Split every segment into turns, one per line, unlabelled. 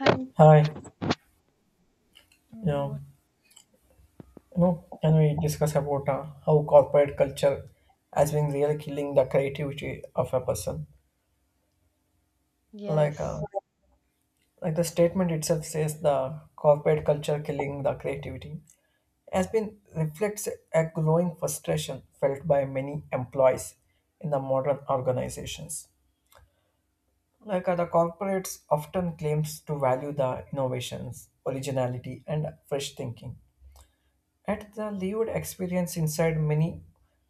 And
Hi, yeah,
uh,
you
what?
can we discuss about how corporate culture has been really killing the creativity of a person? Like, uh,
Yes,
like the statement itself says, the corporate culture killing the creativity has been reflects a growing frustration felt by many employees in the modern organizations. The corporates often claims to value the innovations, originality, and fresh thinking. At the lived experience inside many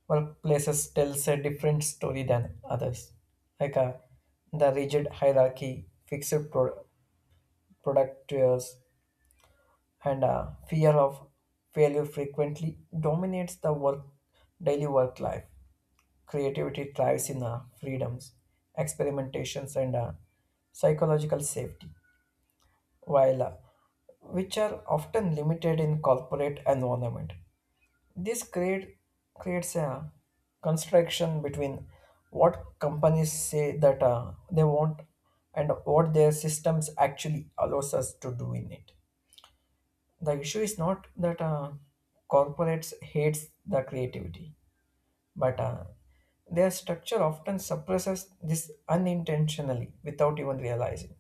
workplaces tells a different story than others. Like uh, the rigid hierarchy, product tiers, and fear of failure frequently dominates the work daily work life. Creativity thrives in freedoms, experimentations, and psychological safety, while which are often limited in corporate environment. This create, Creates a construction between what companies say that they want and what their systems actually allows us to do in it. The issue is not that corporates hates the creativity, but their structure often suppresses this unintentionally without even realizing.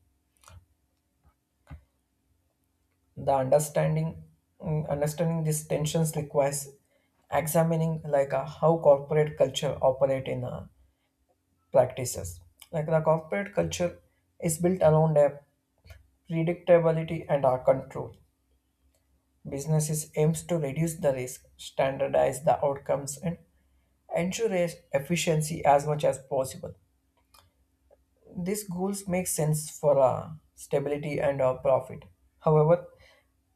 The understanding Understanding these tensions requires examining how corporate culture operate in practices. Like the corporate culture is built around a predictability and our control. Businesses aims to reduce the risk, standardize the outcomes, and ensure efficiency as much as possible. These goals make sense for stability and profit. However,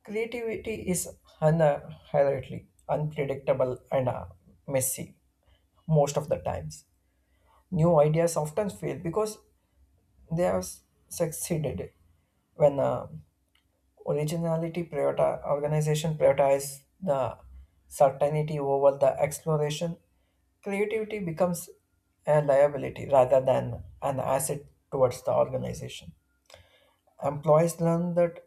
creativity is inherently unpredictable and messy most of the times. New ideas often fail because they have succeeded when organization prioritize the certainty over the exploration. Creativity becomes a liability rather than an asset towards the organization. Employees learn that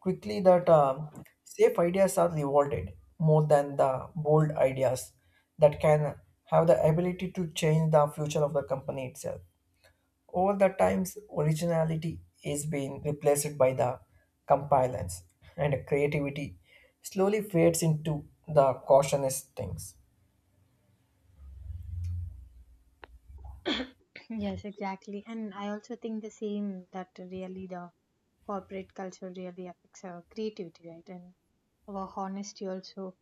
quickly that safe ideas are rewarded more than the bold ideas that can have the ability to change the future of the company itself. Over the times, originality is being replaced by the compliance, and creativity slowly fades into the cautious things.
yes, exactly. And I also think the same that really the corporate culture really affects our creativity, right? And our honesty also.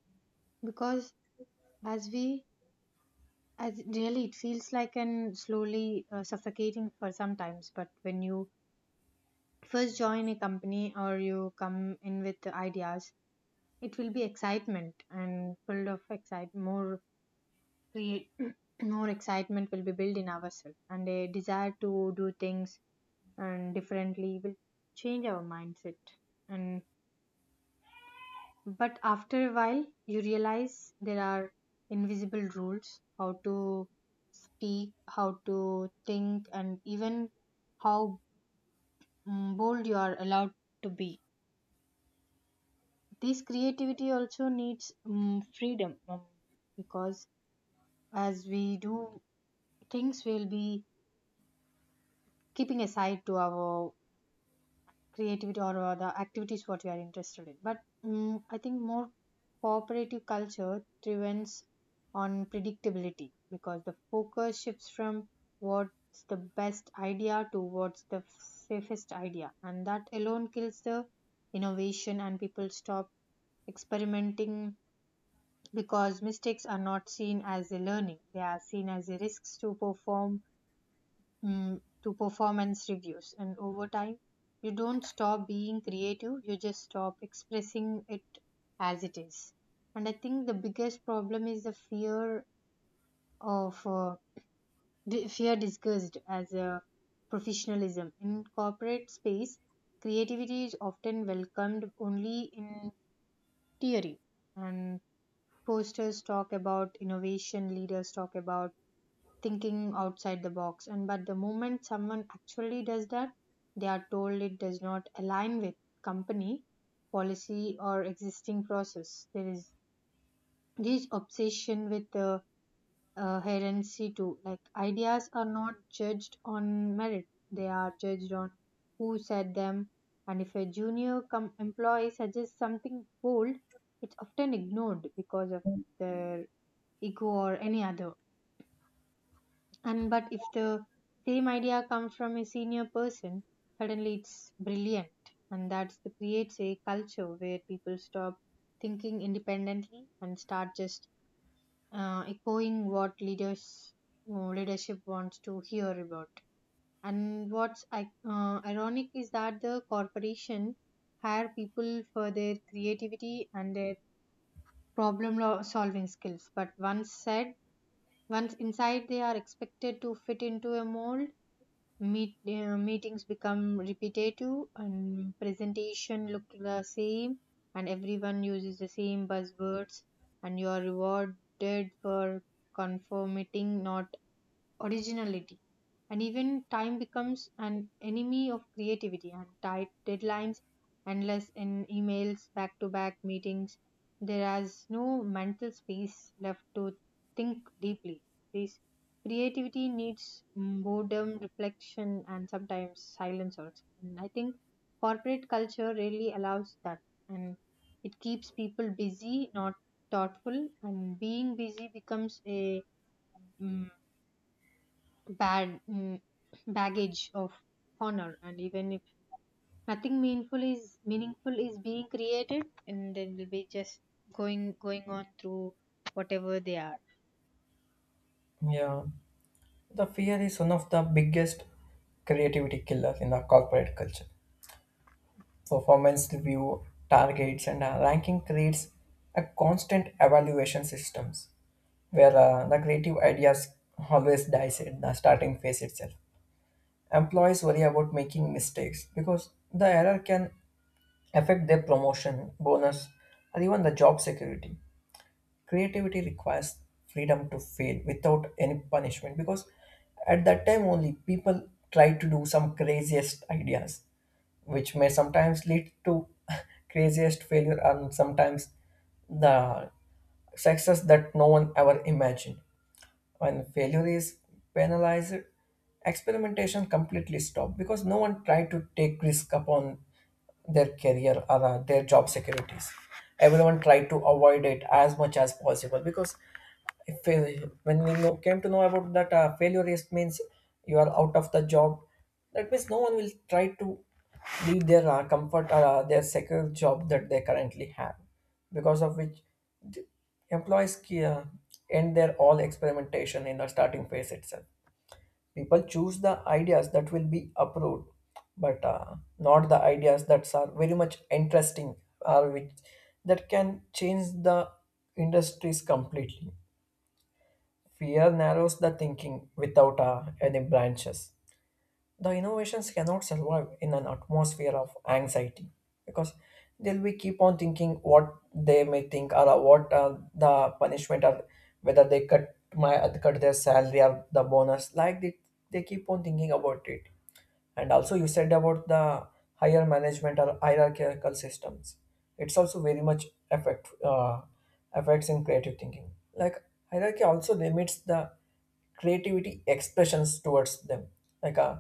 Because as we, as really, it feels like an slowly suffocating for sometimes. But when you first join a company or you come in with the ideas, it will be excitement and full of excite more create more excitement will be built in ourselves and a desire to do things and differently will change our mindset and but after a while you realize there are invisible rules how to speak how to think and even how bold you are allowed to be. This creativity also needs freedom, because as we do things we'll be keeping aside to our creativity or the activities what you are interested in but I think more cooperative culture thrives on predictability because the focus shifts from what's the best idea to what's the safest idea, and that alone kills the innovation and people stop experimenting because mistakes are not seen as a learning, they are seen as a risks to perform, to performance reviews. And over time you don't stop being creative, you just stop expressing it as it is. And I think the biggest problem is the fear of fear disguised as a professionalism in corporate space. Creativity is often welcomed only in theory, and posters talk about innovation, leaders talk about thinking outside the box, and but the moment someone actually does that they are told it does not align with company policy or existing process. There is this obsession with the herency too. Like ideas are not judged on merit, they are judged on who said them. And if a employee suggests something bold, it's often ignored because of their ego or any other. And but if the same idea comes from a senior person, suddenly it's brilliant. And that's the creates a culture where people stop thinking independently and start just echoing what leadership wants to hear about. And what's ironic is that the corporation hire people for their creativity and their solving skills, but once inside they are expected to fit into a mold. Meetings become repetitive and presentation look the same, and everyone uses the same buzzwords, and you are rewarded for conforming, not originality. And even time becomes an enemy of creativity, and tight deadlines, endless in emails, back to back meetings, there is no mental space left to think deeply. This creativity needs boredom, reflection, and sometimes silence also. And I think corporate culture really allows that, and it keeps people busy, not thoughtful. And being busy becomes a mm, bad mm, baggage of honor. And even if nothing meaningful is meaningful is being created, and then we'll be just going on through whatever they are.
Yeah, the fear is one of the biggest creativity killer in the corporate culture. Performance review, targets, and ranking creates a constant evaluation systems where the creative ideas always dies in the starting phase itself. Employees worry about making mistakes because the error can affect their promotion, bonus, or even the job security. Creativity requires freedom to fail without any punishment, because at that time only people try to do some craziest ideas, which may sometimes lead to craziest failure and sometimes the success that no one ever imagined. When failure is penalized, experimentation completely stopped because no one tried to take risk upon their career or their job securities. Everyone tried to avoid it as much as possible because if, when we know, came to know about that failure is means you are out of the job, that means no one will try to leave their comfort or their secure job that they currently have, because of which the employees end their all experimentation in the starting phase itself. People choose the ideas that will be approved, but not the ideas that are very much interesting or which that can change the industries completely. Fear narrows the thinking without any branches. The innovations cannot survive in an atmosphere of anxiety because they'll be keep on thinking what they may think or what the punishment, or whether they cut their salary or the bonus, like they keep on thinking about it. And also, you said about the higher management or hierarchical systems. It's also very much affects in creative thinking. Like hierarchy also limits the creativity expressions towards them. Like uh,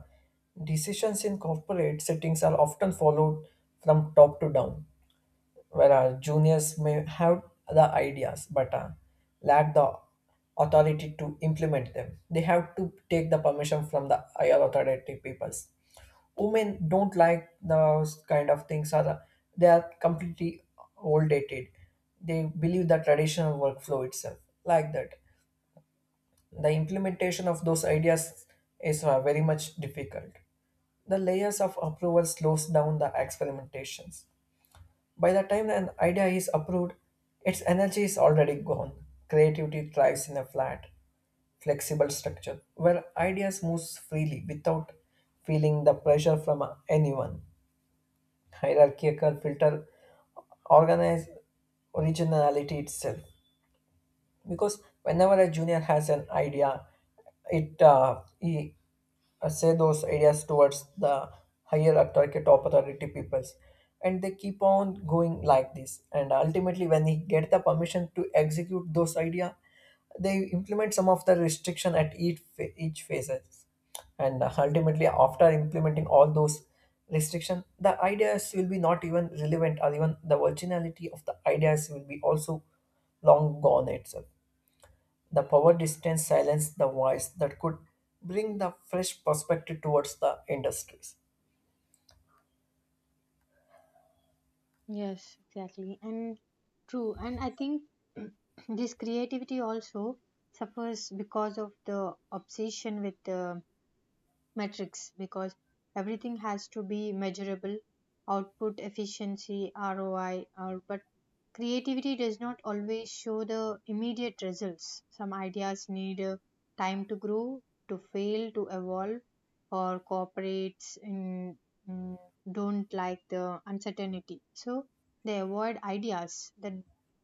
Decisions in corporate settings are often followed from top to down, where juniors may have the ideas but lack the authority to implement them. They have to take the permission from the higher authority peoples. Women don't like those kind of things are they are completely old dated. They believe the traditional workflow itself, like that the implementation of those ideas is very much difficult. The layers of approval slows down the experimentations. By the time an idea is approved, its energy is already gone. Creativity thrives in a flat flexible structure where ideas moves freely without feeling the pressure from anyone. Hierarchical filter organize originality itself. Because whenever a junior has an idea, it he say those ideas towards the higher authority top authority peoples, and they keep on going like this, and ultimately when he get the permission to execute those idea, they implement some of the restriction at each each phases, and ultimately after implementing all those restriction, the ideas will be not even relevant, or even the originality of the ideas will be also long gone itself. The power distance silenced the voice that could bring the fresh perspective towards the industries.
Yes, exactly, and true. And I think this creativity also suffers because of the obsession with the metrics, because everything has to be measurable, output, efficiency, roi, or but creativity does not always show the immediate results. Some ideas need time to grow, to fail, to evolve, or corporates mm, don't like the uncertainty. So they avoid ideas that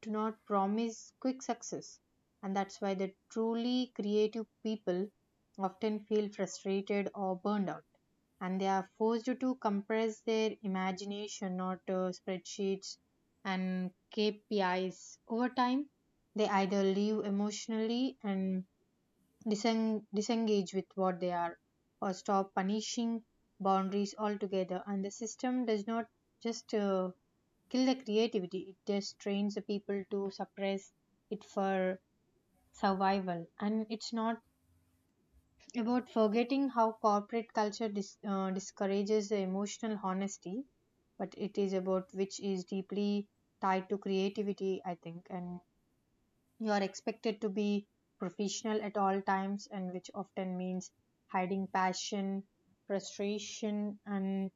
do not promise quick success. And that's why the truly creative people often feel frustrated or burned out. And they are forced to compress their imagination, not spreadsheets and KPIs. Over time, they either leave emotionally and disengage with what they are, or stop punishing boundaries altogether. And the system does not just kill the creativity, it just trains the people to suppress it for survival. And it's not about forgetting how corporate culture discourages the emotional honesty, but it is about which is deeply tied to creativity, I think. And you are expected to be professional at all times, and which often means hiding passion, frustration, and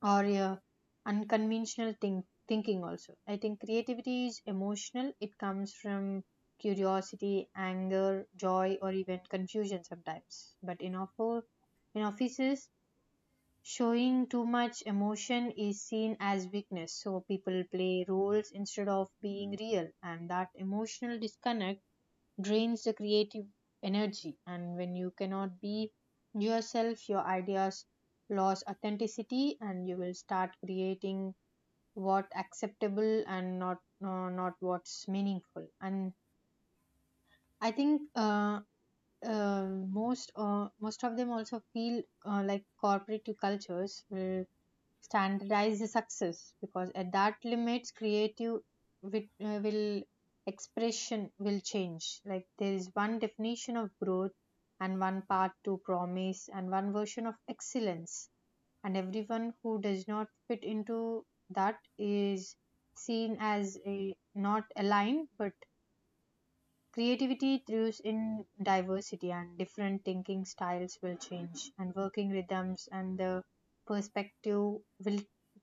or your unconventional thinking. Also, I think creativity is emotional. It comes from curiosity, anger, joy, or even confusion sometimes. But in offices, showing too much emotion is seen as weakness, so people play roles instead of being real, and that emotional disconnect drains the creative energy. And when you cannot be yourself, your ideas lose authenticity, and you will start creating what acceptable and not what's meaningful. And I think uh, most of them also feel like corporate cultures will standardize the success, because at that limits creative with, will expression will change. Like there is one definition of growth, and one path to promise, and one version of excellence, and everyone who does not fit into that is seen as a not aligned. But creativity thrives in diversity, and different thinking styles will change, and working rhythms and the perspective will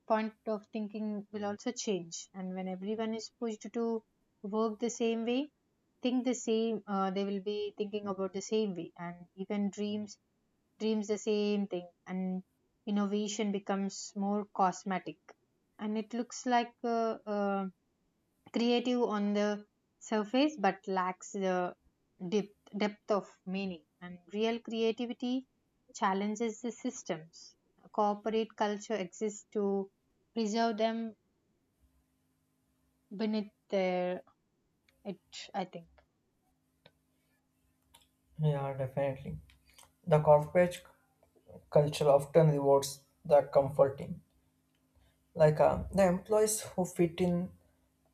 point of thinking will also change. And when everyone is pushed to work the same way, think the same, they will be thinking about the same way, and even dreams the same thing, and innovation becomes more cosmetic, and it looks like. Creative on the surface but lacks the depth of meaning. And real creativity challenges the systems. Corporate culture exists to preserve them beneath their it, I think.
Yeah, definitely. The corporate culture often rewards the comforting, the employees who fit in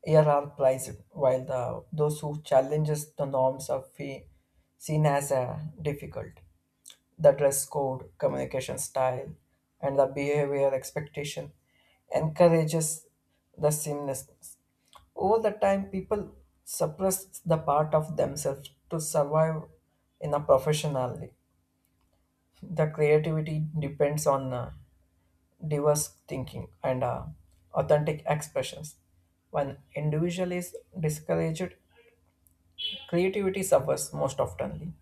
here are prized, while the those who challenges the norms are seen as difficult. The dress code, communication style, and the behavior expectation encourages the seamlessness. Over the time, people suppress the part of themselves to survive in a professionally. The creativity depends on diverse thinking and authentic expressions. When individual is discouraged, creativity suffers most oftenly.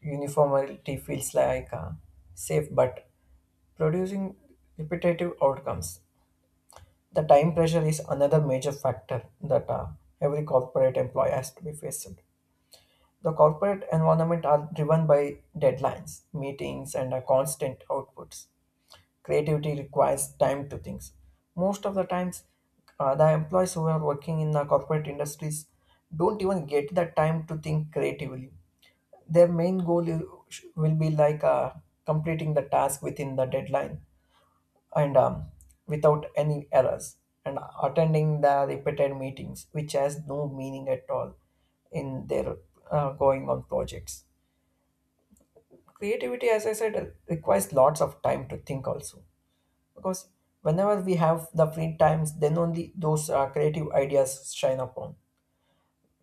Uniformity feels safe but producing repetitive outcomes. The time pressure is another major factor that every corporate employee has to be faced. The corporate environment are driven by deadlines, meetings, and constant outputs. Creativity requires time to think. Most of the times, the employees who are working in the corporate industries don't even get the time to think creatively. Their main goal will be completing the task within the deadline and without any errors, and attending the repeated meetings which has no meaning at all in their going on projects. Creativity, as I said, requires lots of time to think also, because whenever we have the free times, then only those creative ideas shine upon.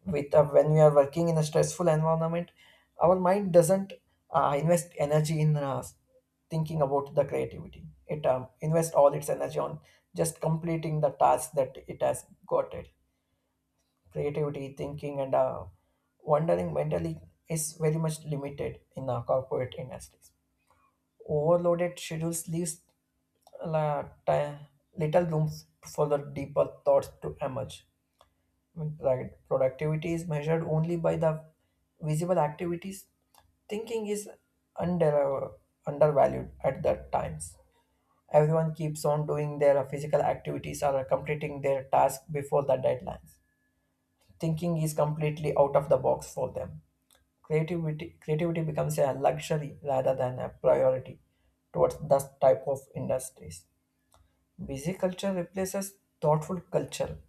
With when we are working in a stressful environment, our mind doesn't invest energy in thinking about the creativity. It invests all its energy on just completing the task that it has got it. Creativity thinking and wondering mentally is very much limited in the corporate industries. Overloaded schedules leaves la- ti- little room for the deeper thoughts to emerge. Right. Productivity is measured only by the visible activities. Thinking is under, uh, undervalued at that times. Everyone keeps on doing their physical activities or completing their task before the deadlines. Thinking is completely out of the box for them. Creativity becomes a luxury rather than a priority towards this type of industries. Busy culture replaces thoughtful culture.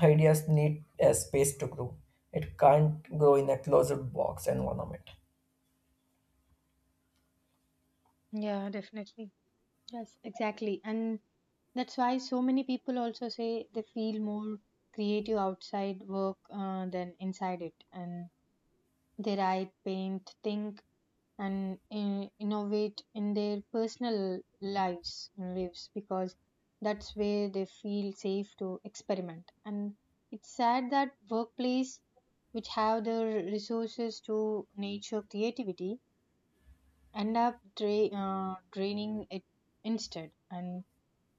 Ideas need a space to grow. It can't grow in a closed box environment.
Yeah, definitely. Yes, exactly. And that's why so many people also say they feel more creative outside work than inside it. And they write, paint, think, and innovate in their personal lives, because that's where they feel safe to experiment. And it's sad that workplace which have the resources to nature creativity end up draining it instead. And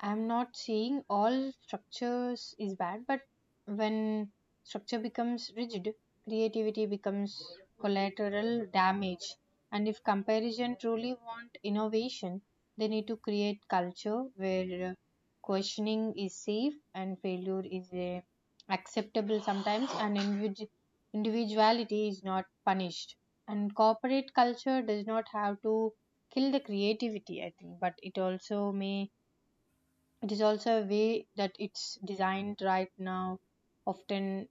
I'm not saying all structures is bad, but when structure becomes rigid, creativity becomes collateral damage. And if comparison truly want innovation, they need to create culture where questioning is safe, and failure is acceptable sometimes, and individuality is not punished. And corporate culture does not have to kill the creativity, I think, but it also may it is also a way that it's designed right now often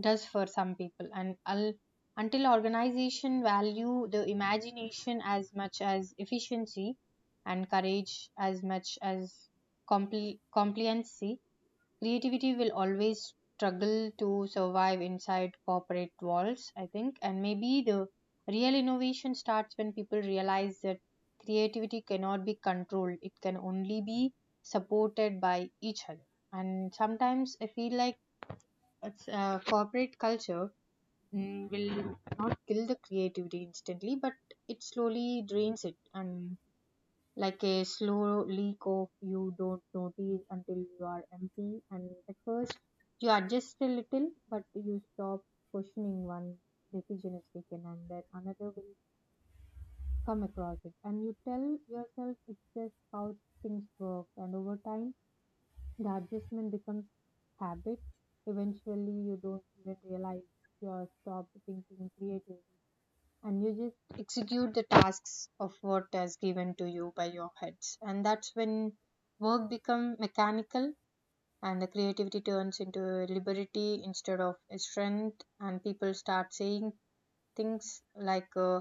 does for some people. And until organization value the imagination as much as efficiency, and courage as much as compliancy, creativity will always struggle to survive inside corporate walls, I think. And maybe the real innovation starts when people realize that creativity cannot be controlled, it can only be supported by each other. And sometimes I feel like corporate culture will not kill the creativity instantly, but it slowly drains it. And like a slow leak of, you don't notice until you are empty. And at first you adjust a little, but you stop questioning. One decision is taken, and then another will come across it, and you tell yourself it's just how things work. And over time the adjustment becomes habit. Eventually you don't even realize you're stopped thinking creatively, and you just execute the tasks of what is given to you by your heads. And that's when work become mechanical, and the creativity turns into liberty instead of a strength. And people start saying things like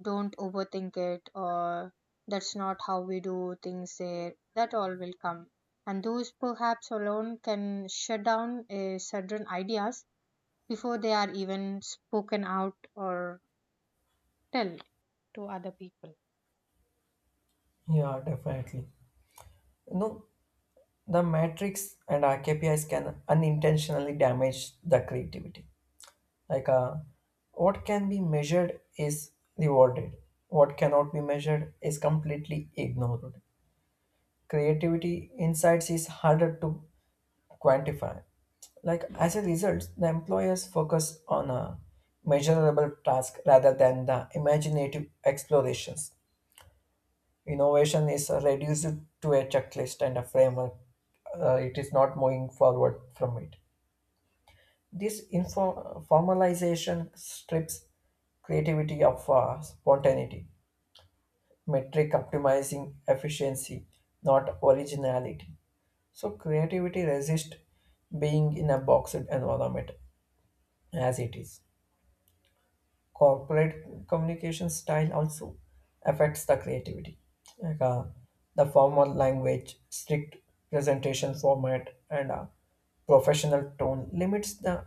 don't overthink it, or that's not how we do things there, that all will come. And those perhaps alone can shut down a certain ideas before they are even spoken out or tell to other people.
Yeah, definitely. You know, the matrix and our KPIs can unintentionally damage the creativity. Like, uh, what can be measured is rewarded. What cannot be measured is completely ignored. Creativity insights is harder to quantify. Like as a result, the employers focus on a measurable task rather than the imaginative explorations. Innovation is reduced to a checklist and a framework. It is not moving forward from it. This formalization strips creativity of spontaneity, metric optimizing efficiency, not originality. So creativity resists being in a boxed environment as it is. Corporate communication style also affects the creativity. Like, uh, the formal language, strict presentation format, and a professional tone limits the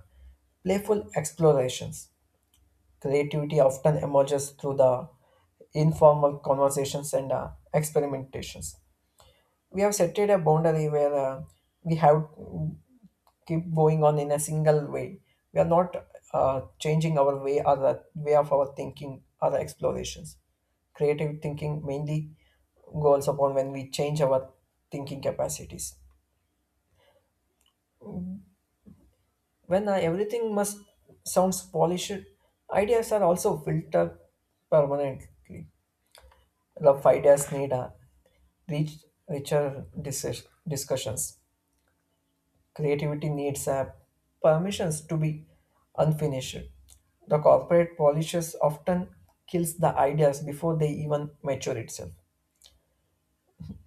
playful explorations. Creativity often emerges through the informal conversations and experimentations. We have set a boundary where we have keep going on in a single way. We are not changing our way or the way of our thinking or the explorations. Creative thinking mainly goes upon when we change our thinking capacities. When everything must sounds polished, ideas are also filtered permanently. Rough ideas need a rich, richer discussions. Creativity needs a permissions to be unfinished. The corporate polishes often kills the ideas before they even mature itself.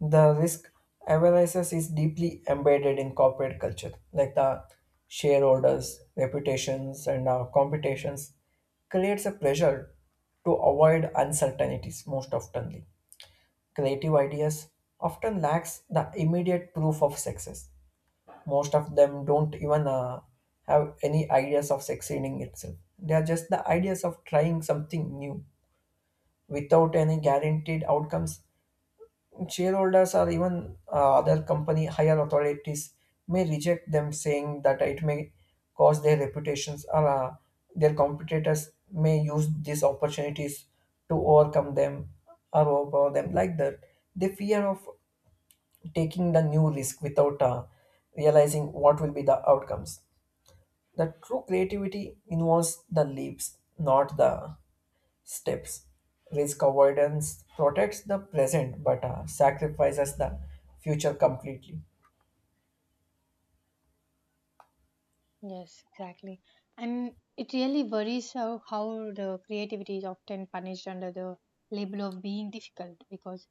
The risk averseness is deeply embedded in corporate culture, like the shareholders, reputations, and competitions creates a pressure to avoid uncertainties most oftenly. Creative ideas often lacks the immediate proof of success. Most of them don't even have any ideas of succeeding itself. They are just the ideas of trying something new without any guaranteed outcomes. Shareholders or even other company higher authorities may reject them, saying that it may cause their reputations, or their competitors may use these opportunities to overcome them or overpower them, like that. The fear of taking the new risk without realizing what will be the outcomes. The true creativity involves the leaps, not the steps. Risk avoidance protects the present but sacrifices the future completely.
Yes, exactly. And it really worries how the creativity is often punished under the label of being difficult. Because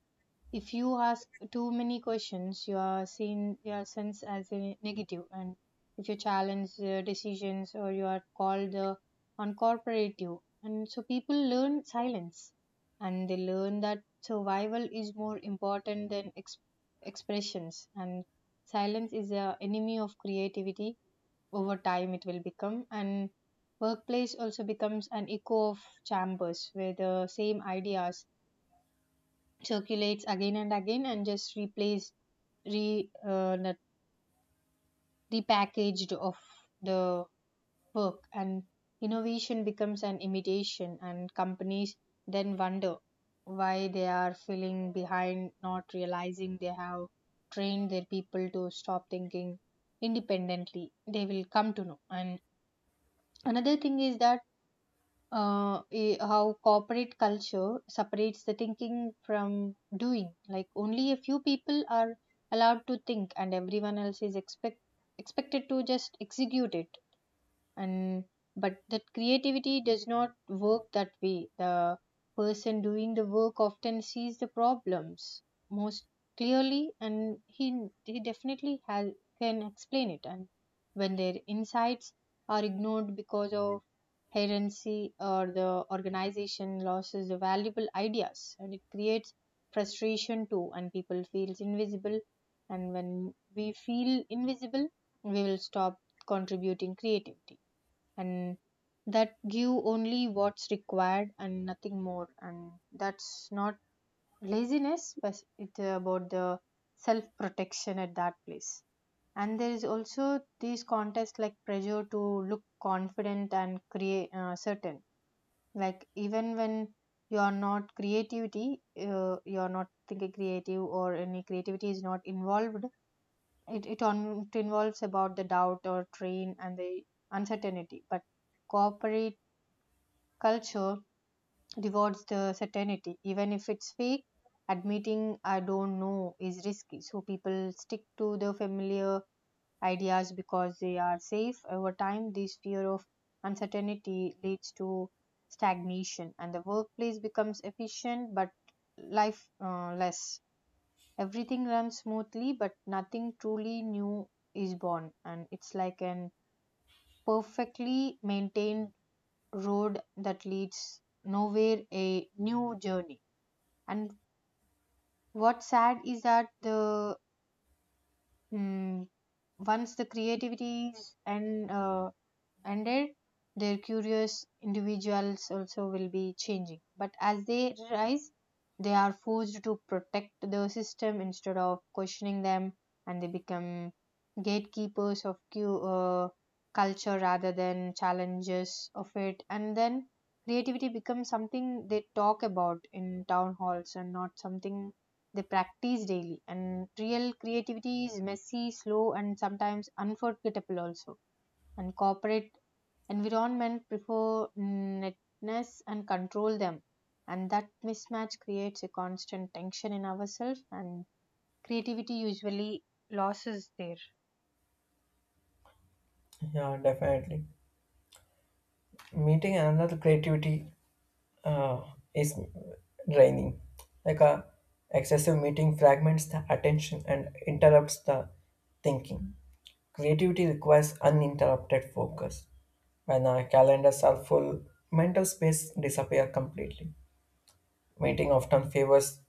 if you ask too many questions, you are seen you are sensed as a negative, and if you challenge decisions or you are called uncooperative, and so people learn silence, and they learn that survival is more important than expressions. And silence is a enemy of creativity over time, it will become. And workplace also becomes an echo of chambers where the same ideas circulates again and again, and just replace re not- repackaged of the work, and innovation becomes an imitation. And companies then wonder why they are feeling behind, not realizing they have trained their people to stop thinking independently, they will come to know. And another thing is that how corporate culture separates the thinking from doing. Like only a few people are allowed to think, and everyone else is expected to just execute it. And but that creativity does not work that way. The person doing the work often sees the problems most clearly, and he definitely has, can explain it. And when their insights are ignored because of heresy, or the organization loses the valuable ideas, and it creates frustration too, and people feels invisible. And when we feel invisible, we will stop contributing creativity, and that give only what's required and nothing more. And that's not laziness, but it's about the self protection at that place. And there is also these contests, like pressure to look confident and create certain. Like even when you are not creativity you are not thinking creative or any creativity is not involved, it involves about the doubt or train and the uncertainty. But cooperate culture rewards the certainty, even if it's fake. Admitting I don't know is risky, so people stick to the familiar ideas because they are safe. Over time, this fear of uncertainty leads to stagnation, and the workplace becomes efficient but life less. Everything runs smoothly, but nothing truly new is born, and it's like an perfectly maintained road that leads nowhere, a new journey. And what's sad is that the mm once the creativity and and their, their curious individuals also will be changing. But as they rise, they are forced to protect the system instead of questioning them, and they become gatekeepers of culture rather than challenges of it. And then creativity becomes something they talk about in town halls and not something they practice daily. And real creativity is messy, slow, and sometimes unforgettable also. And corporate environment prefer netness and control them, and that mismatch creates a constant tension in ourselves, and creativity usually loses there.
Yeah, definitely. Meeting another creativity uh, is draining, like a excessive meeting fragments the attention and interrupts the thinking. Creativity requires uninterrupted focus. When our calendars are full, mental space disappears completely. Meeting often favors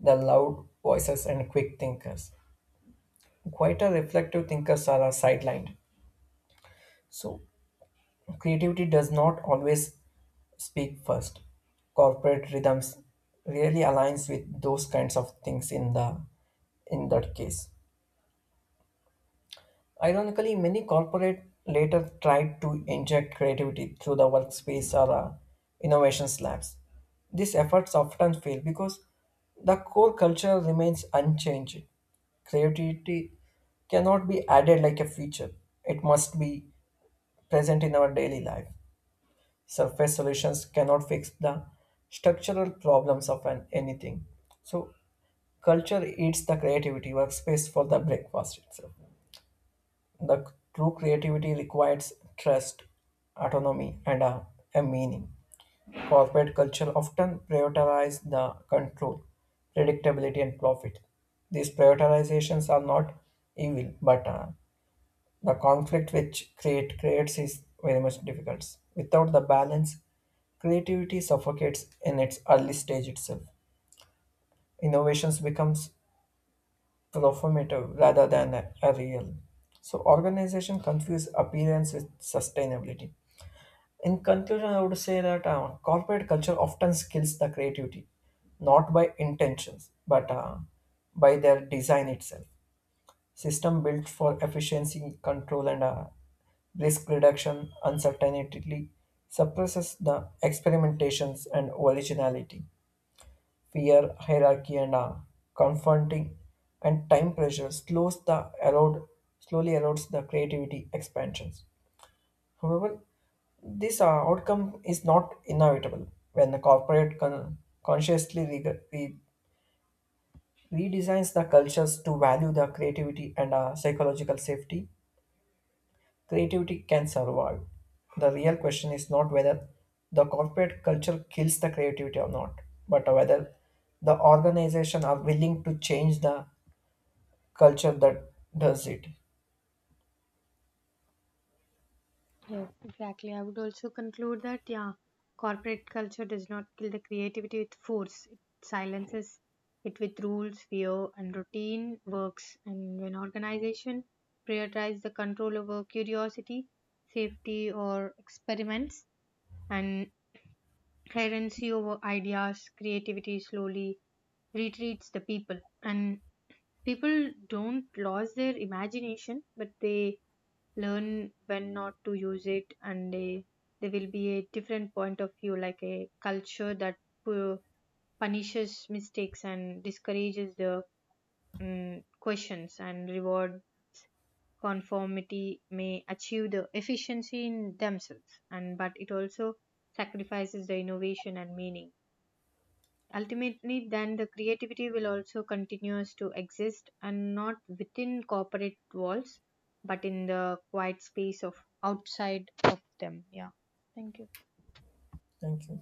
the loud voices and quick thinkers. Quite a reflective thinkers are sidelined, so creativity does not always speak first. Corporate rhythms really aligns with those kinds of things in the in that case. Ironically, many corporate later tried to inject creativity through the workspace or innovation labs. These efforts often fail because the core culture remains unchanged. Creativity cannot be added like a feature. It must be present in our daily life. Surface solutions cannot fix the structural problems of an anything. So culture eats the creativity workspace for the breakfast itself. The true creativity requires trust, autonomy, and a meaning. Corporate culture often prioritizes the control, predictability, and profit. These prioritizations are not evil, but the conflict which creates is very much difficult. Without the balance, creativity suffocates in its early stage itself. Innovations becomes performative rather than a real. So organization confuse appearance with sustainability. In conclusion, I would say that corporate culture often kills the creativity, not by intentions, but by their design itself. System built for efficiency, control, and risk reduction, uncertainty suppresses the experimentations and originality. Fear, hierarchy, and confronting and time pressure slows the slowly erodes the creativity expansions. However, this outcome is not inevitable. When the corporate consciously redesigns the cultures to value the creativity and psychological safety, creativity can survive. The real question is not whether the corporate culture kills the creativity or not, but whether the organization are willing to change the culture that does it.
Yes, exactly, I would also conclude that, yeah, corporate culture does not kill the creativity with force, it silences it with rules, fear, and routine works. And when organization prioritize the control over curiosity, safety or experiments, and currency over ideas, creativity slowly retreats the people. And people don't lose their imagination, but they learn when not to use it, and they there will be a different point of view. Like a culture that pu- punishes mistakes and discourages the questions and reward conformity may achieve the efficiency in themselves. And but it also sacrifices the innovation and meaning. Ultimately, then the creativity will also continues to exist and not within corporate walls, but in the quiet space of outside of them. Yeah. Thank you.
Thank you.